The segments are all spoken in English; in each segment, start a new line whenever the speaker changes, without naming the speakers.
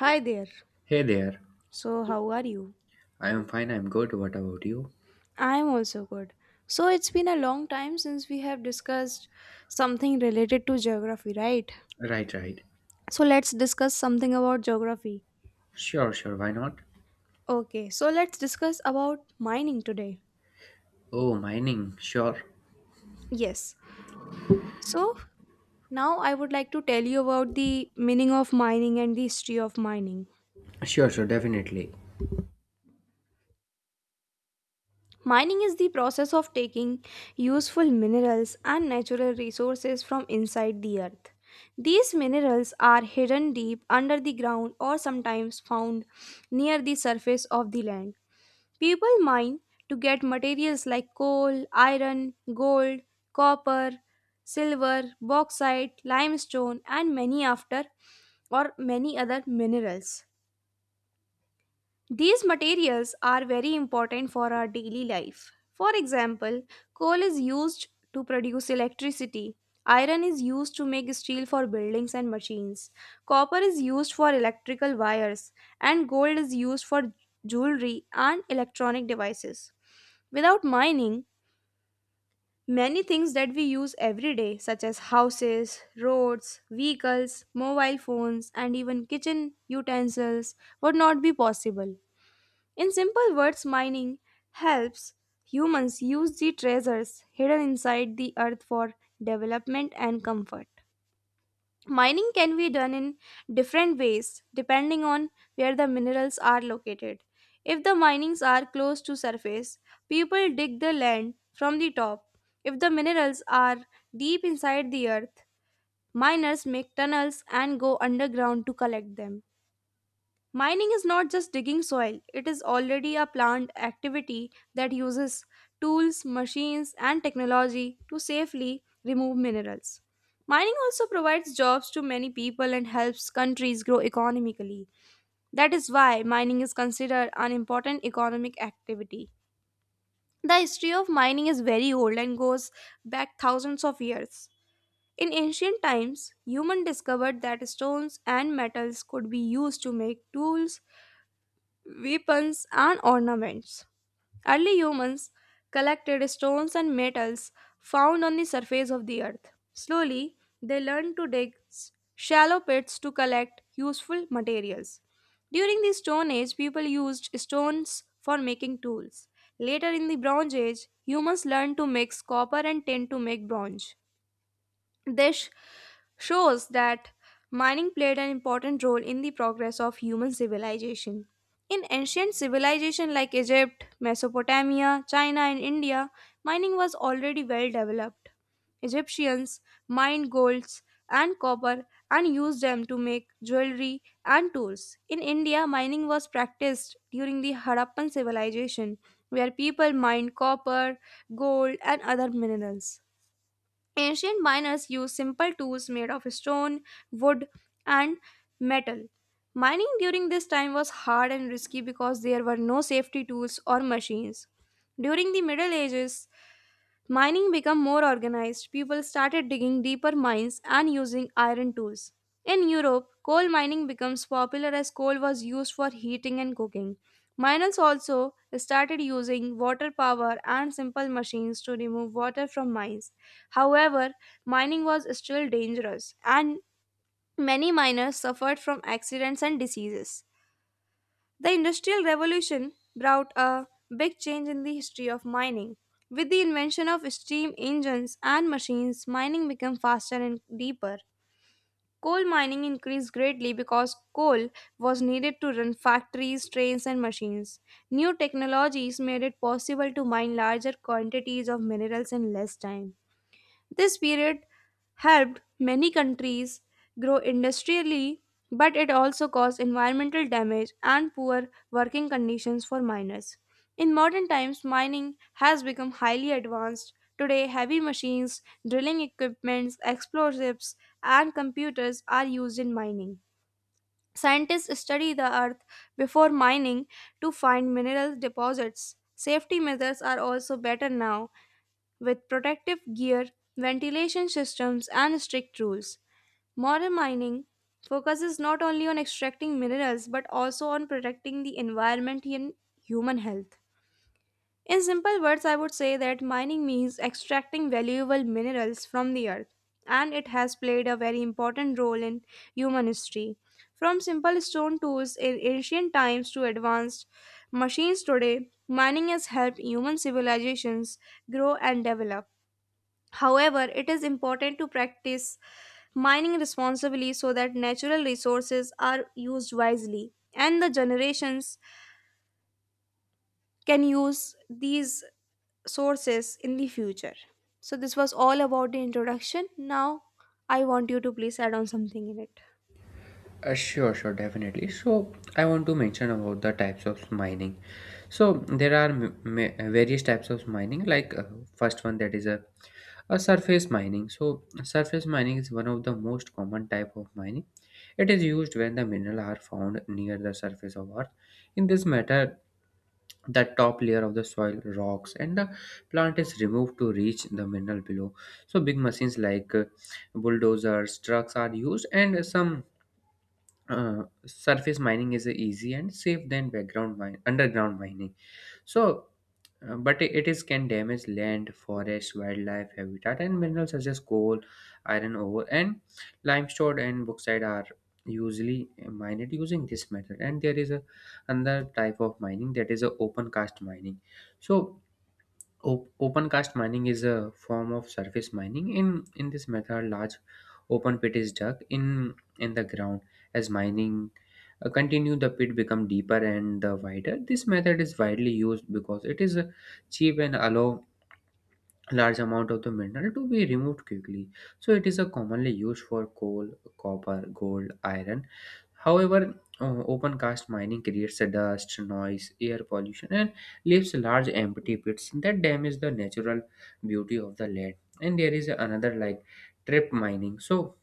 Hi there.
Hey there.
So, how are you?
I am fine, I'm good. What about you?
I'm also good. So, it's been a long time since we have discussed something related to geography, right?
Right, right.
So, let's discuss something about geography.
Sure, sure, why not?
Okay, so let's discuss about mining today.
Oh, mining. Sure.
Yes. So, now I would like to tell you about the meaning of mining and the history of mining.
Sure, sure, definitely.
Mining is the process of taking useful minerals and natural resources from inside the earth. These minerals are hidden deep under the ground or sometimes found near the surface of the land. People mine to get materials like coal, iron, gold, copper, silver, bauxite, limestone, and many after or many other minerals. These materials are very important for our daily life. For example, coal is used to produce electricity. Iron is used to make steel for buildings and machines. Copper is used for electrical wires. And gold is used for jewelry and electronic devices. Without mining, many things that we use every day, such as houses, roads, vehicles, mobile phones, and even kitchen utensils, would not be possible. In simple words, mining helps humans use the treasures hidden inside the earth for development and comfort. Mining can be done in different ways depending on where the minerals are located. If the minings are close to surface, people dig the land from the top. If the minerals are deep inside the earth, miners make tunnels and go underground to collect them. Mining is not just digging soil, it is already a planned activity that uses tools, machines, and technology to safely remove minerals. Mining also provides jobs to many people and helps countries grow economically. That is why mining is considered an important economic activity. The history of mining is very old and goes back thousands of years. In ancient times, humans discovered that stones and metals could be used to make tools, weapons, and ornaments. Early humans collected stones and metals found on the surface of the earth. Slowly, they learned to dig shallow pits to collect useful materials. During the Stone Age, people used stones for making tools. Later in the Bronze Age, humans learned to mix copper and tin to make bronze. This shows that mining played an important role in the progress of human civilization. In ancient civilization like Egypt, Mesopotamia, China, and India, mining was already well developed. Egyptians mined golds and copper and used them to make jewelry and tools. In India, mining was practiced during the Harappan civilization, where people mined copper, gold, and other minerals. Ancient miners used simple tools made of stone, wood, and metal. Mining during this time was hard and risky because there were no safety tools or machines. During the Middle Ages, mining became more organized. People started digging deeper mines and using iron tools. In Europe, coal mining becomes popular as coal was used for heating and cooking. Miners also started using water power and simple machines to remove water from mines. However, mining was still dangerous and many miners suffered from accidents and diseases. The Industrial Revolution brought a big change in the history of mining. With the invention of steam engines and machines, mining became faster and deeper. Coal mining increased greatly because coal was needed to run factories, trains, and machines. New technologies made it possible to mine larger quantities of minerals in less time. This period helped many countries grow industrially, but it also caused environmental damage and poor working conditions for miners. In modern times, mining has become highly advanced. Today, heavy machines, drilling equipments, explosives, and computers are used in mining. Scientists study the earth before mining to find mineral deposits. Safety measures are also better now with protective gear, ventilation systems, and strict rules. Modern mining focuses not only on extracting minerals but also on protecting the environment and human health. In simple words, I would say that mining means extracting valuable minerals from the earth, and it has played a very important role in human history. From simple stone tools in ancient times to advanced machines today, mining has helped human civilizations grow and develop. However, it is important to practice mining responsibly so that natural resources are used wisely and the generations can use these sources in the future. So, this was all about the introduction. Now, I want you to please add on something in it.
Sure, sure, definitely. So, I want to mention about the types of mining. So, there are various types of mining, first one that is a surface mining. So, surface mining is one of the most common type of mining. It is used when the mineral are found near the surface of Earth. In this matter, the top layer of the soil rocks and the plant is removed to reach the mineral below. So big machines like bulldozers, trucks are used. And some surface mining is easy and safe than background mine underground mining. so but it is can damage land, forest, wildlife habitat, and minerals such as coal, iron ore, and limestone and bauxite are usually mined using this method. And there is a another type of mining that is a open cast mining. So open cast mining is a form of surface mining. In this method, large open pit is dug in the ground. As mining continue, the pit become deeper and wider. This method is widely used because it is cheap and allow large amount of the mineral to be removed quickly. So it is a commonly used for coal, copper, gold, iron. However, open cast mining creates a dust, noise, air pollution, and leaves large empty pits that damage the natural beauty of the land. And there is another like trap mining.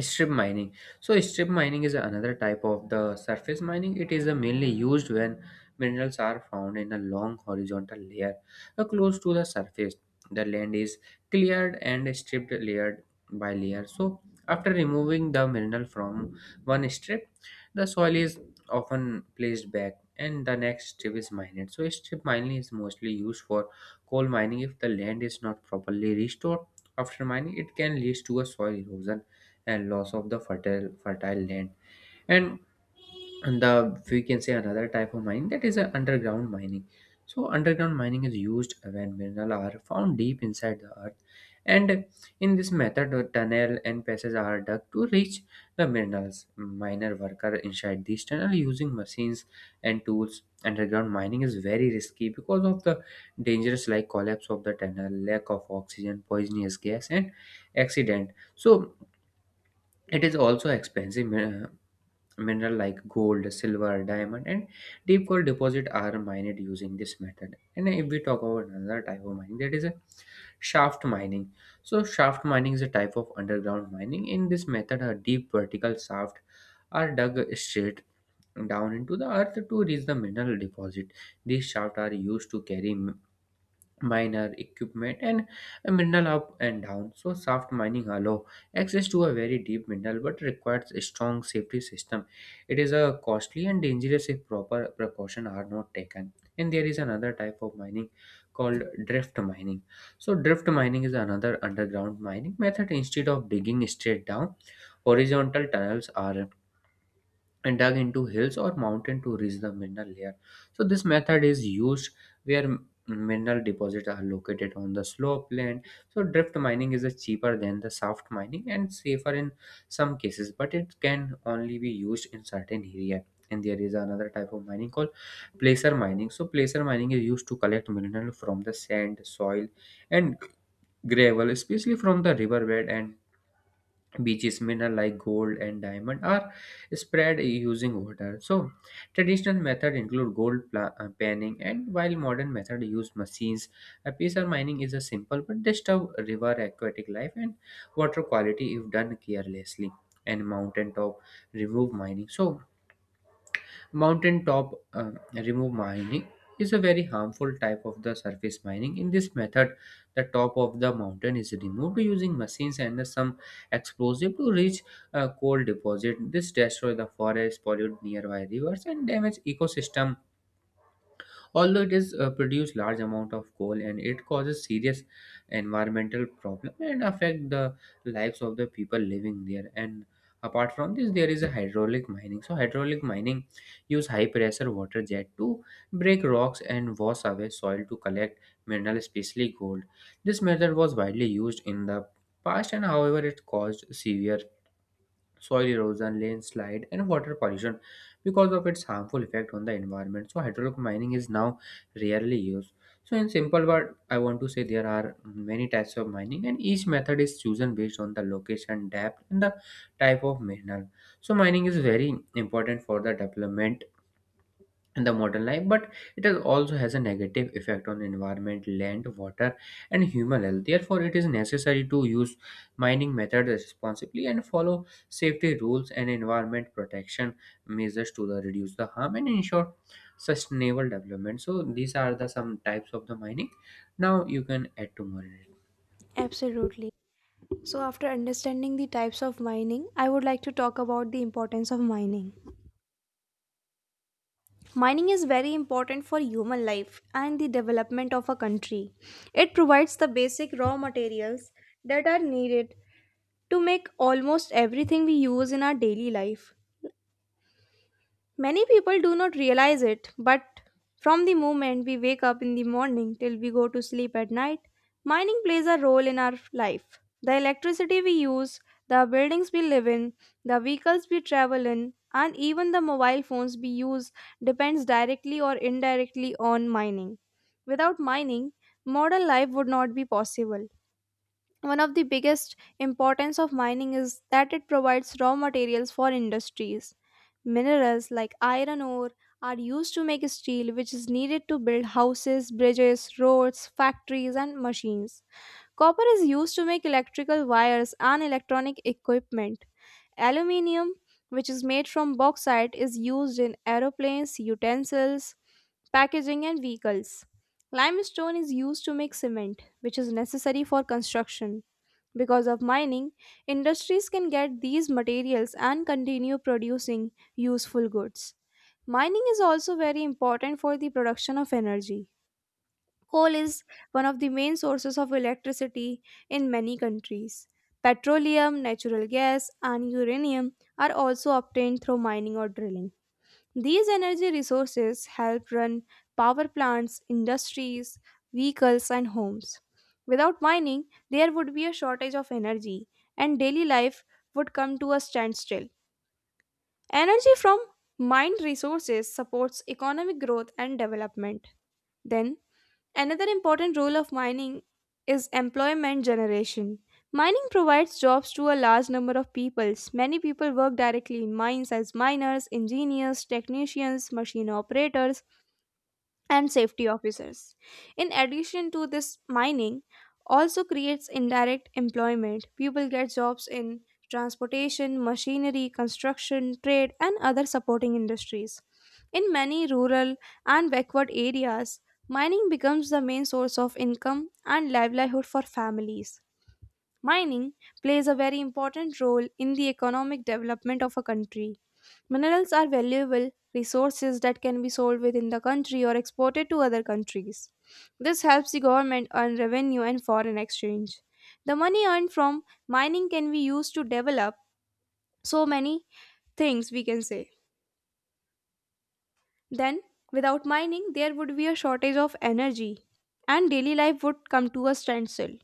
strip mining so strip mining is another type of the surface mining. It is mainly used when minerals are found in a long horizontal layer close to the surface. The land is cleared and stripped layer by layer. So after removing the mineral from one strip, the soil is often placed back and the next strip is mined. So strip mining is mostly used for coal mining. If the land is not properly restored after mining, it can lead to a soil erosion and loss of the fertile land. And the We can say another type of mining that is a underground mining. So underground mining is used when minerals are found deep inside the earth. And in this method, a tunnel and passages are dug to reach the minerals. Miner worker inside these tunnel using machines and tools. Underground mining is very risky because of the dangers like collapse of the tunnel, lack of oxygen, poisonous gas, and accident. So it is also expensive. Mineral like gold, silver, diamond, and deep gold deposit are mined using this method. And if we talk about another type of mining, that is a shaft mining. So shaft mining is a type of underground mining. In this method, a deep vertical shaft are dug straight down into the earth to reach the mineral deposit. These shafts are used to carry miner, equipment, and a mineral up and down. So soft mining allow access to a very deep mineral but requires a strong safety system. It is a costly and dangerous if proper precaution are not taken. And there is another type of mining called drift mining. So drift mining is another underground mining method. Instead of digging straight down, horizontal tunnels are and dug into hills or mountain to reach the mineral layer. So this method is used where mineral deposits are located on the slope land. So drift mining is a cheaper than the soft mining and safer in some cases, but it can only be used in certain area. And there is another type of mining called placer mining. So placer mining is used to collect mineral from the sand, soil, and gravel, especially from the riverbed and beaches. Mineral like gold and diamond are spread using water. So traditional method include panning, and while modern method use machines. uh, Mining is a simple but disturb river, aquatic life, and water quality if done carelessly. And mountain top remove mining. So mountaintop remove mining is a very harmful type of the surface mining. In this method, the top of the mountain is removed using machines and some explosive to reach a coal deposit. This destroy the forest, pollute nearby rivers, and damage ecosystem. Although it is produce large amount of coal, and it causes serious environmental problem and affect the lives of the people living there. And apart from this, there is a hydraulic mining. So hydraulic mining use high pressure water jet to break rocks and wash away soil to collect mineral, especially gold. This method was widely used in the past, and however, it caused severe soil erosion, landslide, and water pollution because of its harmful effect on the environment. So hydraulic mining is now rarely used. So in simple word, I want to say there are many types of mining, and each method is chosen based on the location, depth, and the type of mineral. So mining is very important for the development in the modern life, but it has also has a negative effect on environment, land, water, and human health. Therefore, it is necessary to use mining methods responsibly and follow safety rules and environment protection measures to the reduce the harm and ensure sustainable development. So these are the some types of the mining. Now you can add to more in it.
Absolutely. So, after understanding the types of mining, I would like to talk about the importance of mining. Mining is very important for human life and the development of a country. It provides the basic raw materials that are needed to make almost everything we use in our daily life. Many people do not realize it, but from the moment we wake up in the morning till we go to sleep at night, mining plays a role in our life. The electricity we use, the buildings we live in, the vehicles we travel in, and even the mobile phones we use depends directly or indirectly on mining. Without mining, modern life would not be possible. One of the biggest importance of mining is that it provides raw materials for industries. Minerals like iron ore are used to make steel, which is needed to build houses, bridges, roads, factories, and machines. Copper is used to make electrical wires and electronic equipment. Aluminium, which is made from bauxite, is used in aeroplanes, utensils, packaging, and vehicles. Limestone is used to make cement, which is necessary for construction. Because of mining, industries can get these materials and continue producing useful goods. Mining is also very important for the production of energy. Coal is one of the main sources of electricity in many countries. Petroleum, natural gas, and uranium are also obtained through mining or drilling. These energy resources help run power plants, industries, vehicles, and homes. Without mining, there would be a shortage of energy, and daily life would come to a standstill. Energy from mined resources supports economic growth and development. Then, another important role of mining is employment generation. Mining provides jobs to a large number of peoples. Many people work directly in mines as miners, engineers, technicians, machine operators, and safety officers. In addition to this, mining also creates indirect employment. People get jobs in transportation, machinery, construction, trade, and other supporting industries. In many rural and backward areas, mining becomes the main source of income and livelihood for families. Mining plays a very important role in the economic development of a country. Minerals are valuable resources that can be sold within the country or exported to other countries. This helps the government earn revenue and foreign exchange. The money earned from mining can be used to develop so many things, we can say. Then, without mining, there would be a shortage of energy and daily life would come to a standstill.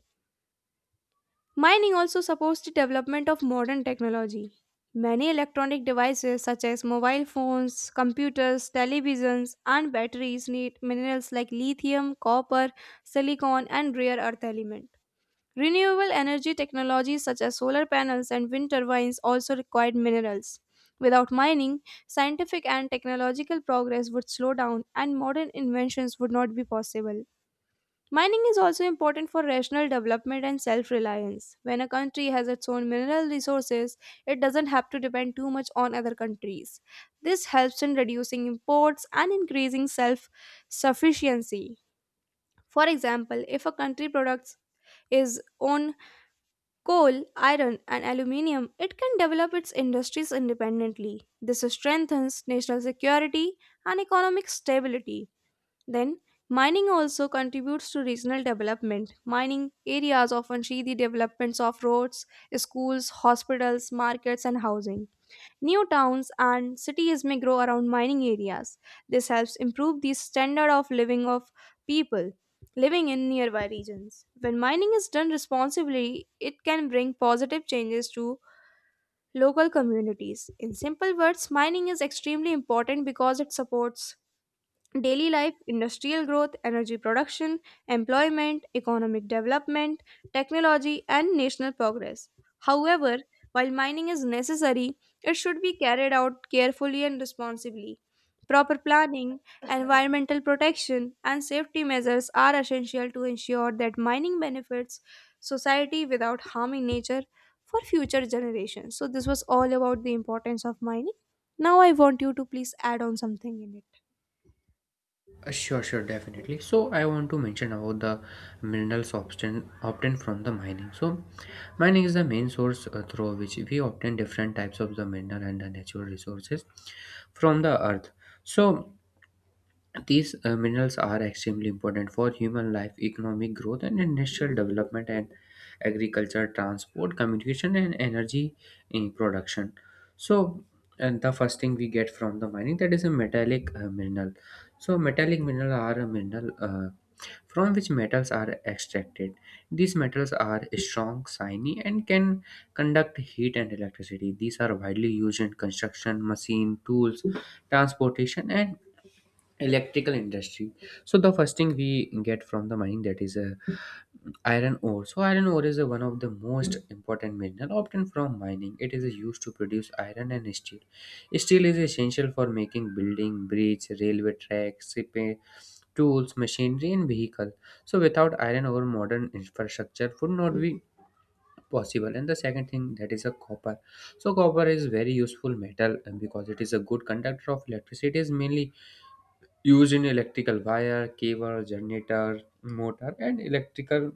Mining also supports the development of modern technology. Many electronic devices such as mobile phones, computers, televisions, and batteries need minerals like lithium, copper, silicon, and rare earth element. Renewable energy technologies such as solar panels and wind turbines also require minerals. Without mining, scientific and technological progress would slow down and modern inventions would not be possible. Mining is also important for rational development and self reliance. When a country has its own mineral resources, it doesn't have to depend too much on other countries. This helps in reducing imports and increasing self sufficiency. For example, if a country products is own coal, iron, and aluminium, it can develop its industries independently. This strengthens national security and economic stability. Then, mining also contributes to regional development. Mining areas often see the developments of roads, schools, hospitals, markets, and housing. New towns and cities may grow around mining areas. This helps improve the standard of living of people living in nearby regions. When mining is done responsibly, it can bring positive changes to local communities. In simple words, mining is extremely important because it supports daily life, industrial growth, energy production, employment, economic development, technology, and national progress. However, while mining is necessary, it should be carried out carefully and responsibly. Proper planning, environmental protection, and safety measures are essential to ensure that mining benefits society without harming nature for future generations. So, this was all about the importance of mining. Now, I want you to please add on something in it.
Sure, sure, definitely. So I want to mention about the minerals obtained from the mining. So mining is the main source through which we obtain different types of the mineral and the natural resources from the earth. So these minerals are extremely important for human life, economic growth, and industrial development, and agriculture, transport, communication, and energy production. So, and the first thing we get from the mining that is a metallic mineral. So, metallic mineral are a mineral from which metals are extracted. These metals are strong, shiny, and can conduct heat and electricity. These are widely used in construction, machine, tools, transportation, and electrical industry. So the first thing we get from the mining that is a iron ore. So iron ore is a one of the most important mineral obtained from mining. It is used to produce iron and steel. Steel is essential for making building, bridge, railway tracks, shipping, tools, machinery, and vehicle. So without iron ore, modern infrastructure would not be possible. And the second thing that is a copper. So copper is very useful metal, and because it is a good conductor of electricity, it is mainly used in electrical wire, cable, generator, motor, and electrical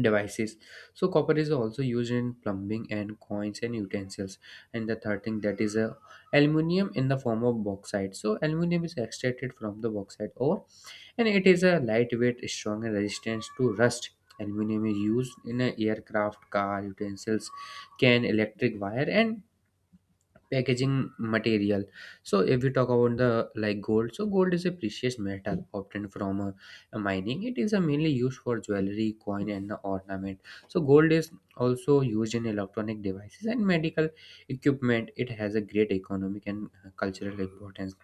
devices. So copper is also used in plumbing and coins and utensils. And the third thing that is a aluminium in the form of bauxite. So aluminium is extracted from the bauxite ore, and it is a lightweight, strong, and resistant to rust. Aluminium is used in a aircraft, car, utensils, can, electric wire, and packaging material. So if we talk about the like gold, so gold is a precious metal obtained from mining. It is mainly used for jewelry, coin, and ornament. So gold is also used in electronic devices and medical equipment. It has a great economic and cultural importance.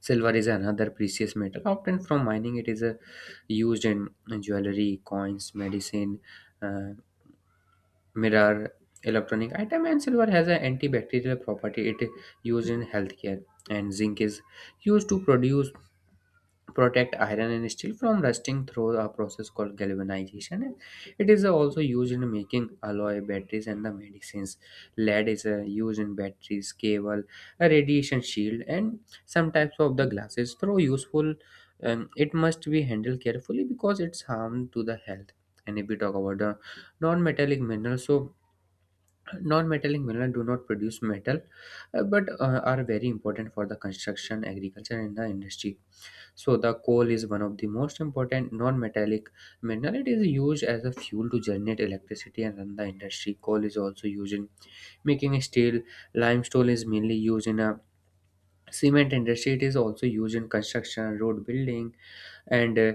Silver is another precious metal obtained from mining. It is a used in jewelry, coins, medicine, uh, mirror, electronic item. And silver has an antibacterial property, it is used in healthcare. And zinc is used to produce protect iron and steel from rusting through a process called galvanization. And it is also used in making alloy, batteries, and the medicines. Lead is used in batteries, cable, a radiation shield, and some types of the glasses. Though useful, it must be handled carefully because it's harm to the health. And if we talk about the non-metallic minerals, so non-metallic minerals do not produce metal, but are very important for the construction, agriculture, and the industry. So the coal is one of the most important non-metallic mineral. It is used as a fuel to generate electricity and run the industry. Coal is also used in making steel. Limestone is mainly used in a cement industry. It is also used in construction, road building, and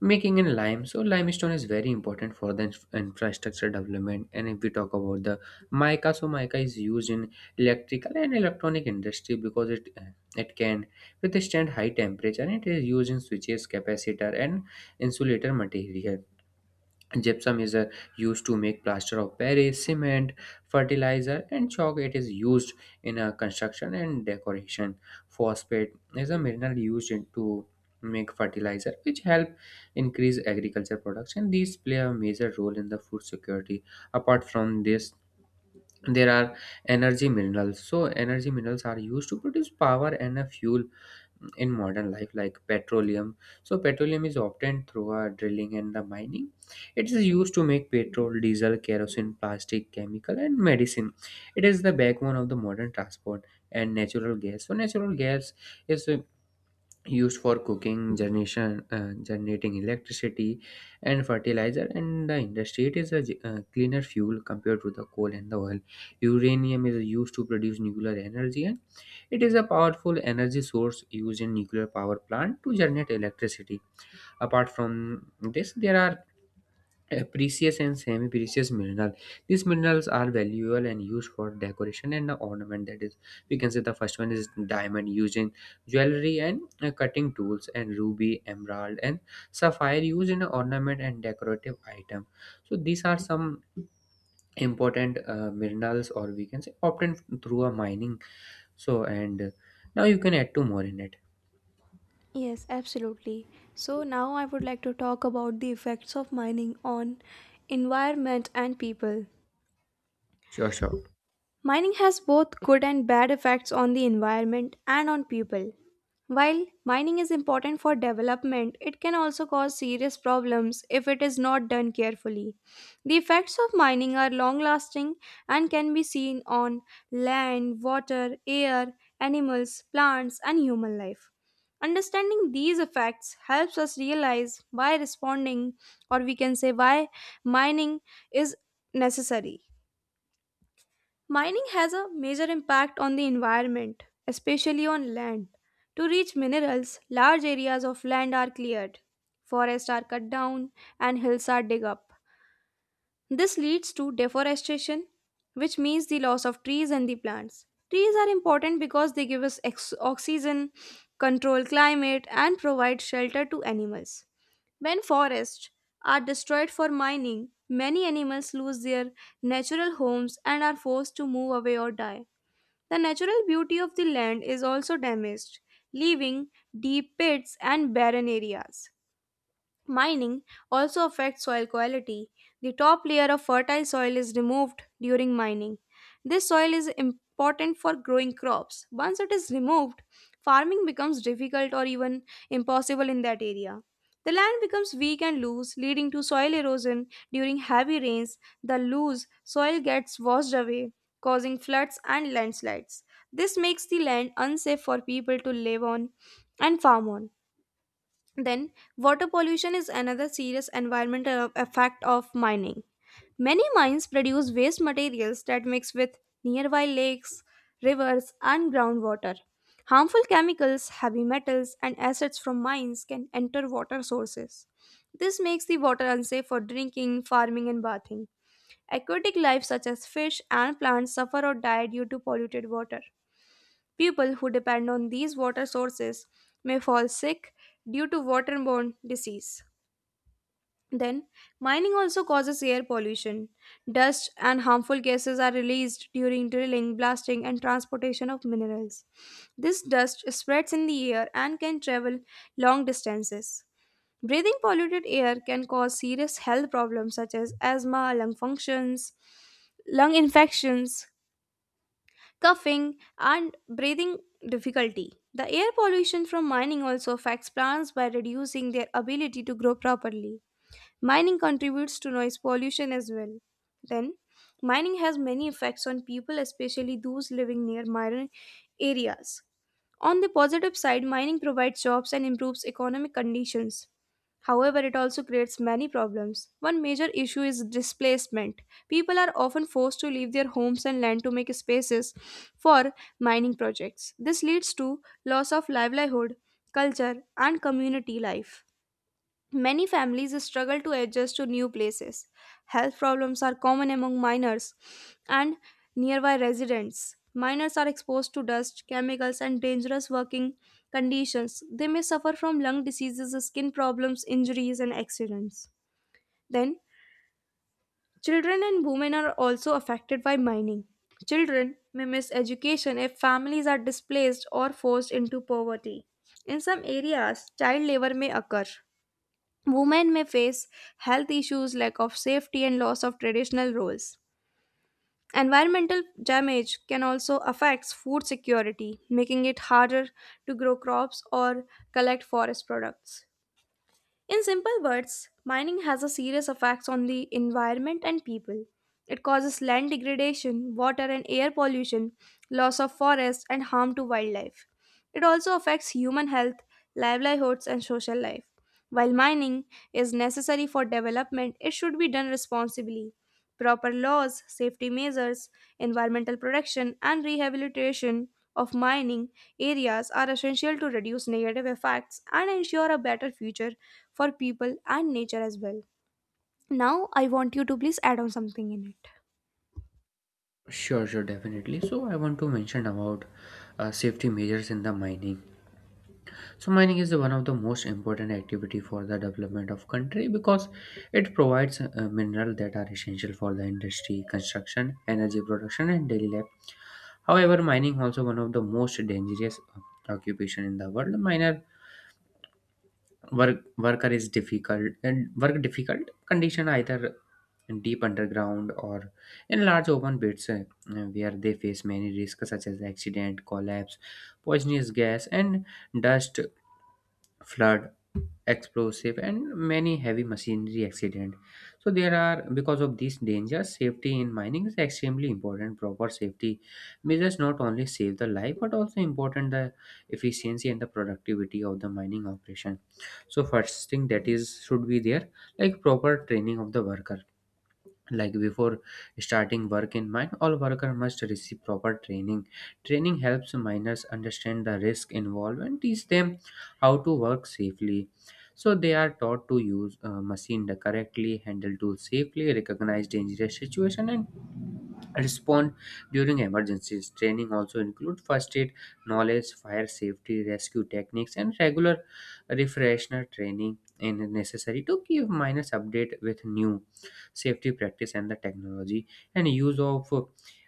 making in lime. So limestone is very important for the infrastructure development. And if we talk about the mica, so mica is used in electrical and electronic industry because it can withstand high temperature, and it is used in switches, capacitor, and insulator material. Gypsum is used to make plaster of paris, cement, fertilizer, and chalk. It is used in construction and decoration. Phosphate is a mineral used to make fertilizer, which help increase agriculture production. These play a major role in the food security. Apart from this, there are energy minerals. So energy minerals are used to produce Power and a fuel in modern life, like petroleum. So petroleum is obtained through drilling and the mining. It is used to make petrol, diesel, kerosene, plastic, chemical and medicine. It is the backbone of the modern transport. And natural gas. So natural gas is used for cooking generation, generating electricity and fertilizer and the industry. It is a cleaner fuel compared to the coal and the oil. Uranium is used to produce nuclear energy, and it is a powerful energy source used in nuclear power plant to generate electricity. Apart from this, there are precious and semi-precious minerals. These minerals are valuable and used for decoration and ornament. That is, we can say the first one is diamond, used in jewelry and cutting tools, and ruby, emerald and sapphire used in ornament and decorative item. So these are some important minerals, or we can say obtained through a mining. So and Now you can add two more in it.
Yes, absolutely. So now I would like to talk about the effects of mining on environment and people.
sure sure
Mining has both good and bad effects on the environment and on people. While mining is important for development, it can also cause serious problems if it is not done carefully. The effects of mining are long lasting and can be seen on land, water, air, animals, plants, and human life. Understanding these effects helps us realize why responding, or we can say why mining, is necessary. Mining has a major impact on the environment, especially on land. To reach minerals, large areas of land are cleared, forests are cut down, and hills are dug up. This leads to deforestation, which means the loss of trees and the plants. Trees are important because they give us oxygen, control climate, and provide shelter to animals. When forests are destroyed for mining, many animals lose their natural homes and are forced to move away or die. The natural beauty of the land is also damaged, leaving deep pits and barren areas. Mining also affects soil quality. The top layer of fertile soil is removed during mining. This soil is important for growing crops. Once it is removed, farming becomes difficult or even impossible in that area. The land becomes weak and loose, leading to soil erosion. During heavy rains, the loose soil gets washed away, causing floods and landslides. This makes the land unsafe for people to live on and farm on. Then, water pollution is another serious environmental effect of mining. Many mines produce waste materials that mix with nearby lakes, rivers, and groundwater. Harmful chemicals, heavy metals, and acids from mines can enter water sources. This makes the water unsafe for drinking, farming, and bathing. Aquatic life such as fish and plants suffer or die due to polluted water. People who depend on these water sources may fall sick due to waterborne disease. Then, mining also causes air pollution. Dust and harmful gases are released during drilling, blasting, and transportation of minerals. This dust spreads in the air and can travel long distances. Breathing polluted air can cause serious health problems such as asthma, lung functions, lung infections, coughing, and breathing difficulty. The air pollution from mining also affects plants by reducing their ability to grow properly. Mining contributes to noise pollution as well. Then, mining has many effects on people, especially those living near mining areas. On the positive side, mining provides jobs and improves economic conditions. However, it also creates many problems. One major issue is displacement. People are often forced to leave their homes and land to make spaces for mining projects. This leads to loss of livelihood, culture, and community life. Many families struggle to adjust to new places. Health problems are common among miners and nearby residents. Miners are exposed to dust, chemicals, and dangerous working conditions. They may suffer from lung diseases, skin problems, injuries, and accidents. Then, children and women are also affected by mining. Children may miss education if families are displaced or forced into poverty. In some areas, child labor may occur. Women may face health issues, lack of safety, and loss of traditional roles. Environmental damage can also affect food security, making it harder to grow crops or collect forest products. In simple words, mining has a serious effects on the environment and people. It causes land degradation, water and air pollution, loss of forests, and harm to wildlife. It also affects human health, livelihoods, and social life. While mining is necessary for development, it should be done responsibly. Proper laws, safety measures, environmental protection, and rehabilitation of mining areas are essential to reduce negative effects and ensure a better future for people and nature as well. Now, I want you to please add on something in it.
sure sure Definitely, so I want to mention about safety measures in the mining. So mining is one of the most important activity for the development of country, because it provides mineral that are essential for the industry, construction, energy production, and daily life. However, mining also one of the most dangerous occupation in the world. Miner work worker is difficult and work difficult condition, either in deep underground or in large open pits where they face many risks such as accident, collapse, poisonous gas, and dust, flood, explosive and many heavy machinery accident. So there are, because of these dangers, safety in mining is extremely important. Proper safety measures not only save the life but also important the efficiency and the productivity of the mining operation. So first thing that is should be there, like proper training of the worker. Like, before starting work in mine, all worker must receive proper training. Training helps miners understand the risk involved and teach them how to work safely. So they are taught to use machine correctly, handle tools safely, recognize dangerous situation and respond during emergencies. Training also include first aid knowledge, fire safety, rescue techniques, and regular refresher training in necessary to give minus update with new safety practice and the technology. And use of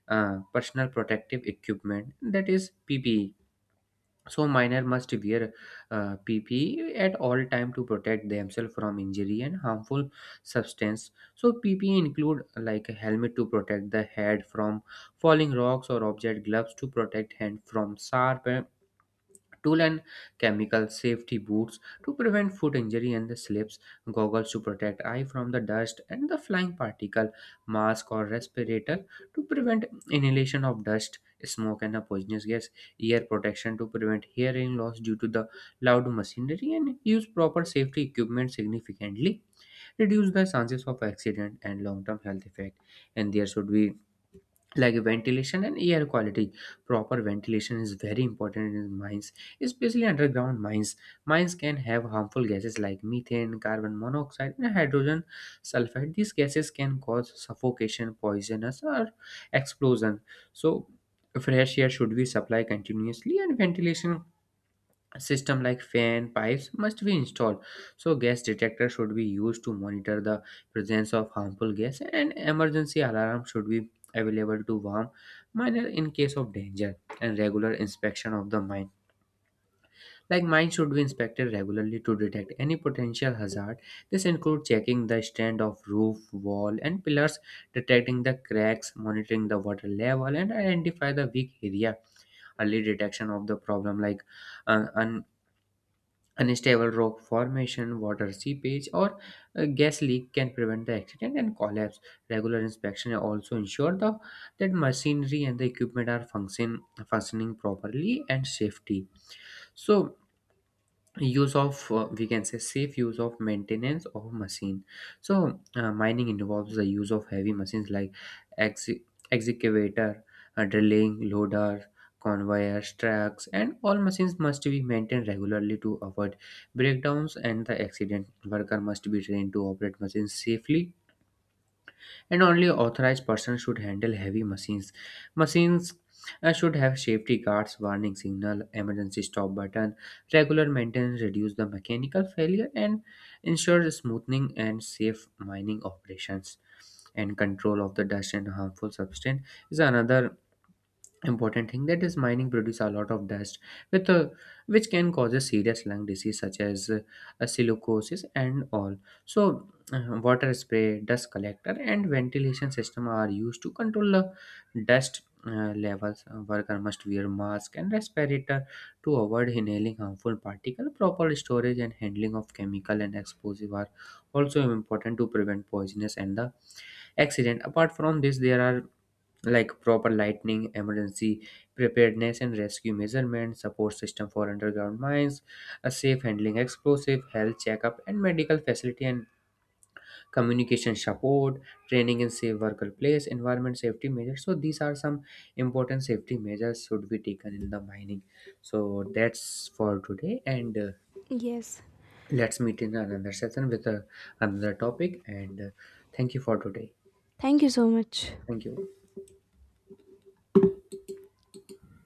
personal protective equipment, that is ppe. So miner must wear ppe at all time to protect themselves from injury and harmful substance. So ppe include like a helmet to protect the head from falling rocks or object, gloves to protect hand from sharp tool and chemical, safety boots to prevent foot injury and the slips, goggles to protect eye from the dust and the flying particle, mask or respirator to prevent inhalation of dust, smoke and the poisonous gas, ear protection to prevent hearing loss due to the loud machinery. And use proper safety equipment significantly reduce the chances of accident and long-term health effect. And there should be like ventilation and air quality. Proper ventilation is very important in mines, especially underground mines. Mines can have harmful gases like methane, carbon monoxide and hydrogen sulfide. These gases can cause suffocation, poisonous or explosion. So fresh air should be supplied continuously, and ventilation system like fan pipes must be installed. So gas detector should be used to monitor the presence of harmful gas, and emergency alarm should be available to warn miner in case of danger. And regular inspection of the mine, like mine should be inspected regularly to detect any potential hazard. This includes checking the strength of roof, wall and pillars, detecting the cracks, monitoring the water level and identify the weak area. Early detection of the problem like uh, un- unstable rock formation, water seepage, or a gas leak can prevent the accident and collapse. Regular inspection also ensure that machinery and the equipment are functioning properly and safety. So, use of we can say safe use of maintenance of machine. So mining involves the use of heavy machines like ex- excavator, drilling, loader, conveyors, trucks, and all machines must be maintained regularly to avoid breakdowns and the accident. Worker must be trained to operate machines safely, and only authorized persons should handle heavy machines. Machines should have safety guards, warning signal, emergency stop button. Regular maintenance reduce the mechanical failure and ensure smoothing and safe mining operations. And control of the dust and harmful substance is another important thing. That is, mining produce a lot of dust with which can cause a serious lung disease such as silicosis and all. So water spray, dust collector and ventilation system are used to control the dust levels. Worker must wear mask and respirator to avoid inhaling harmful particle. Proper storage and handling of chemical and explosive are also important to prevent poisonous and the accident. Apart from this, there are like proper lightning, emergency preparedness and rescue measurement, support system for underground mines, a safe handling explosive, health checkup and medical facility, and communication support training in safe workplace environment safety measures. So these are some important safety measures should be taken in the mining. So that's for today, and
Yes.
let's meet in another session with another topic, and thank you for today.
Thank you so much.
Thank you.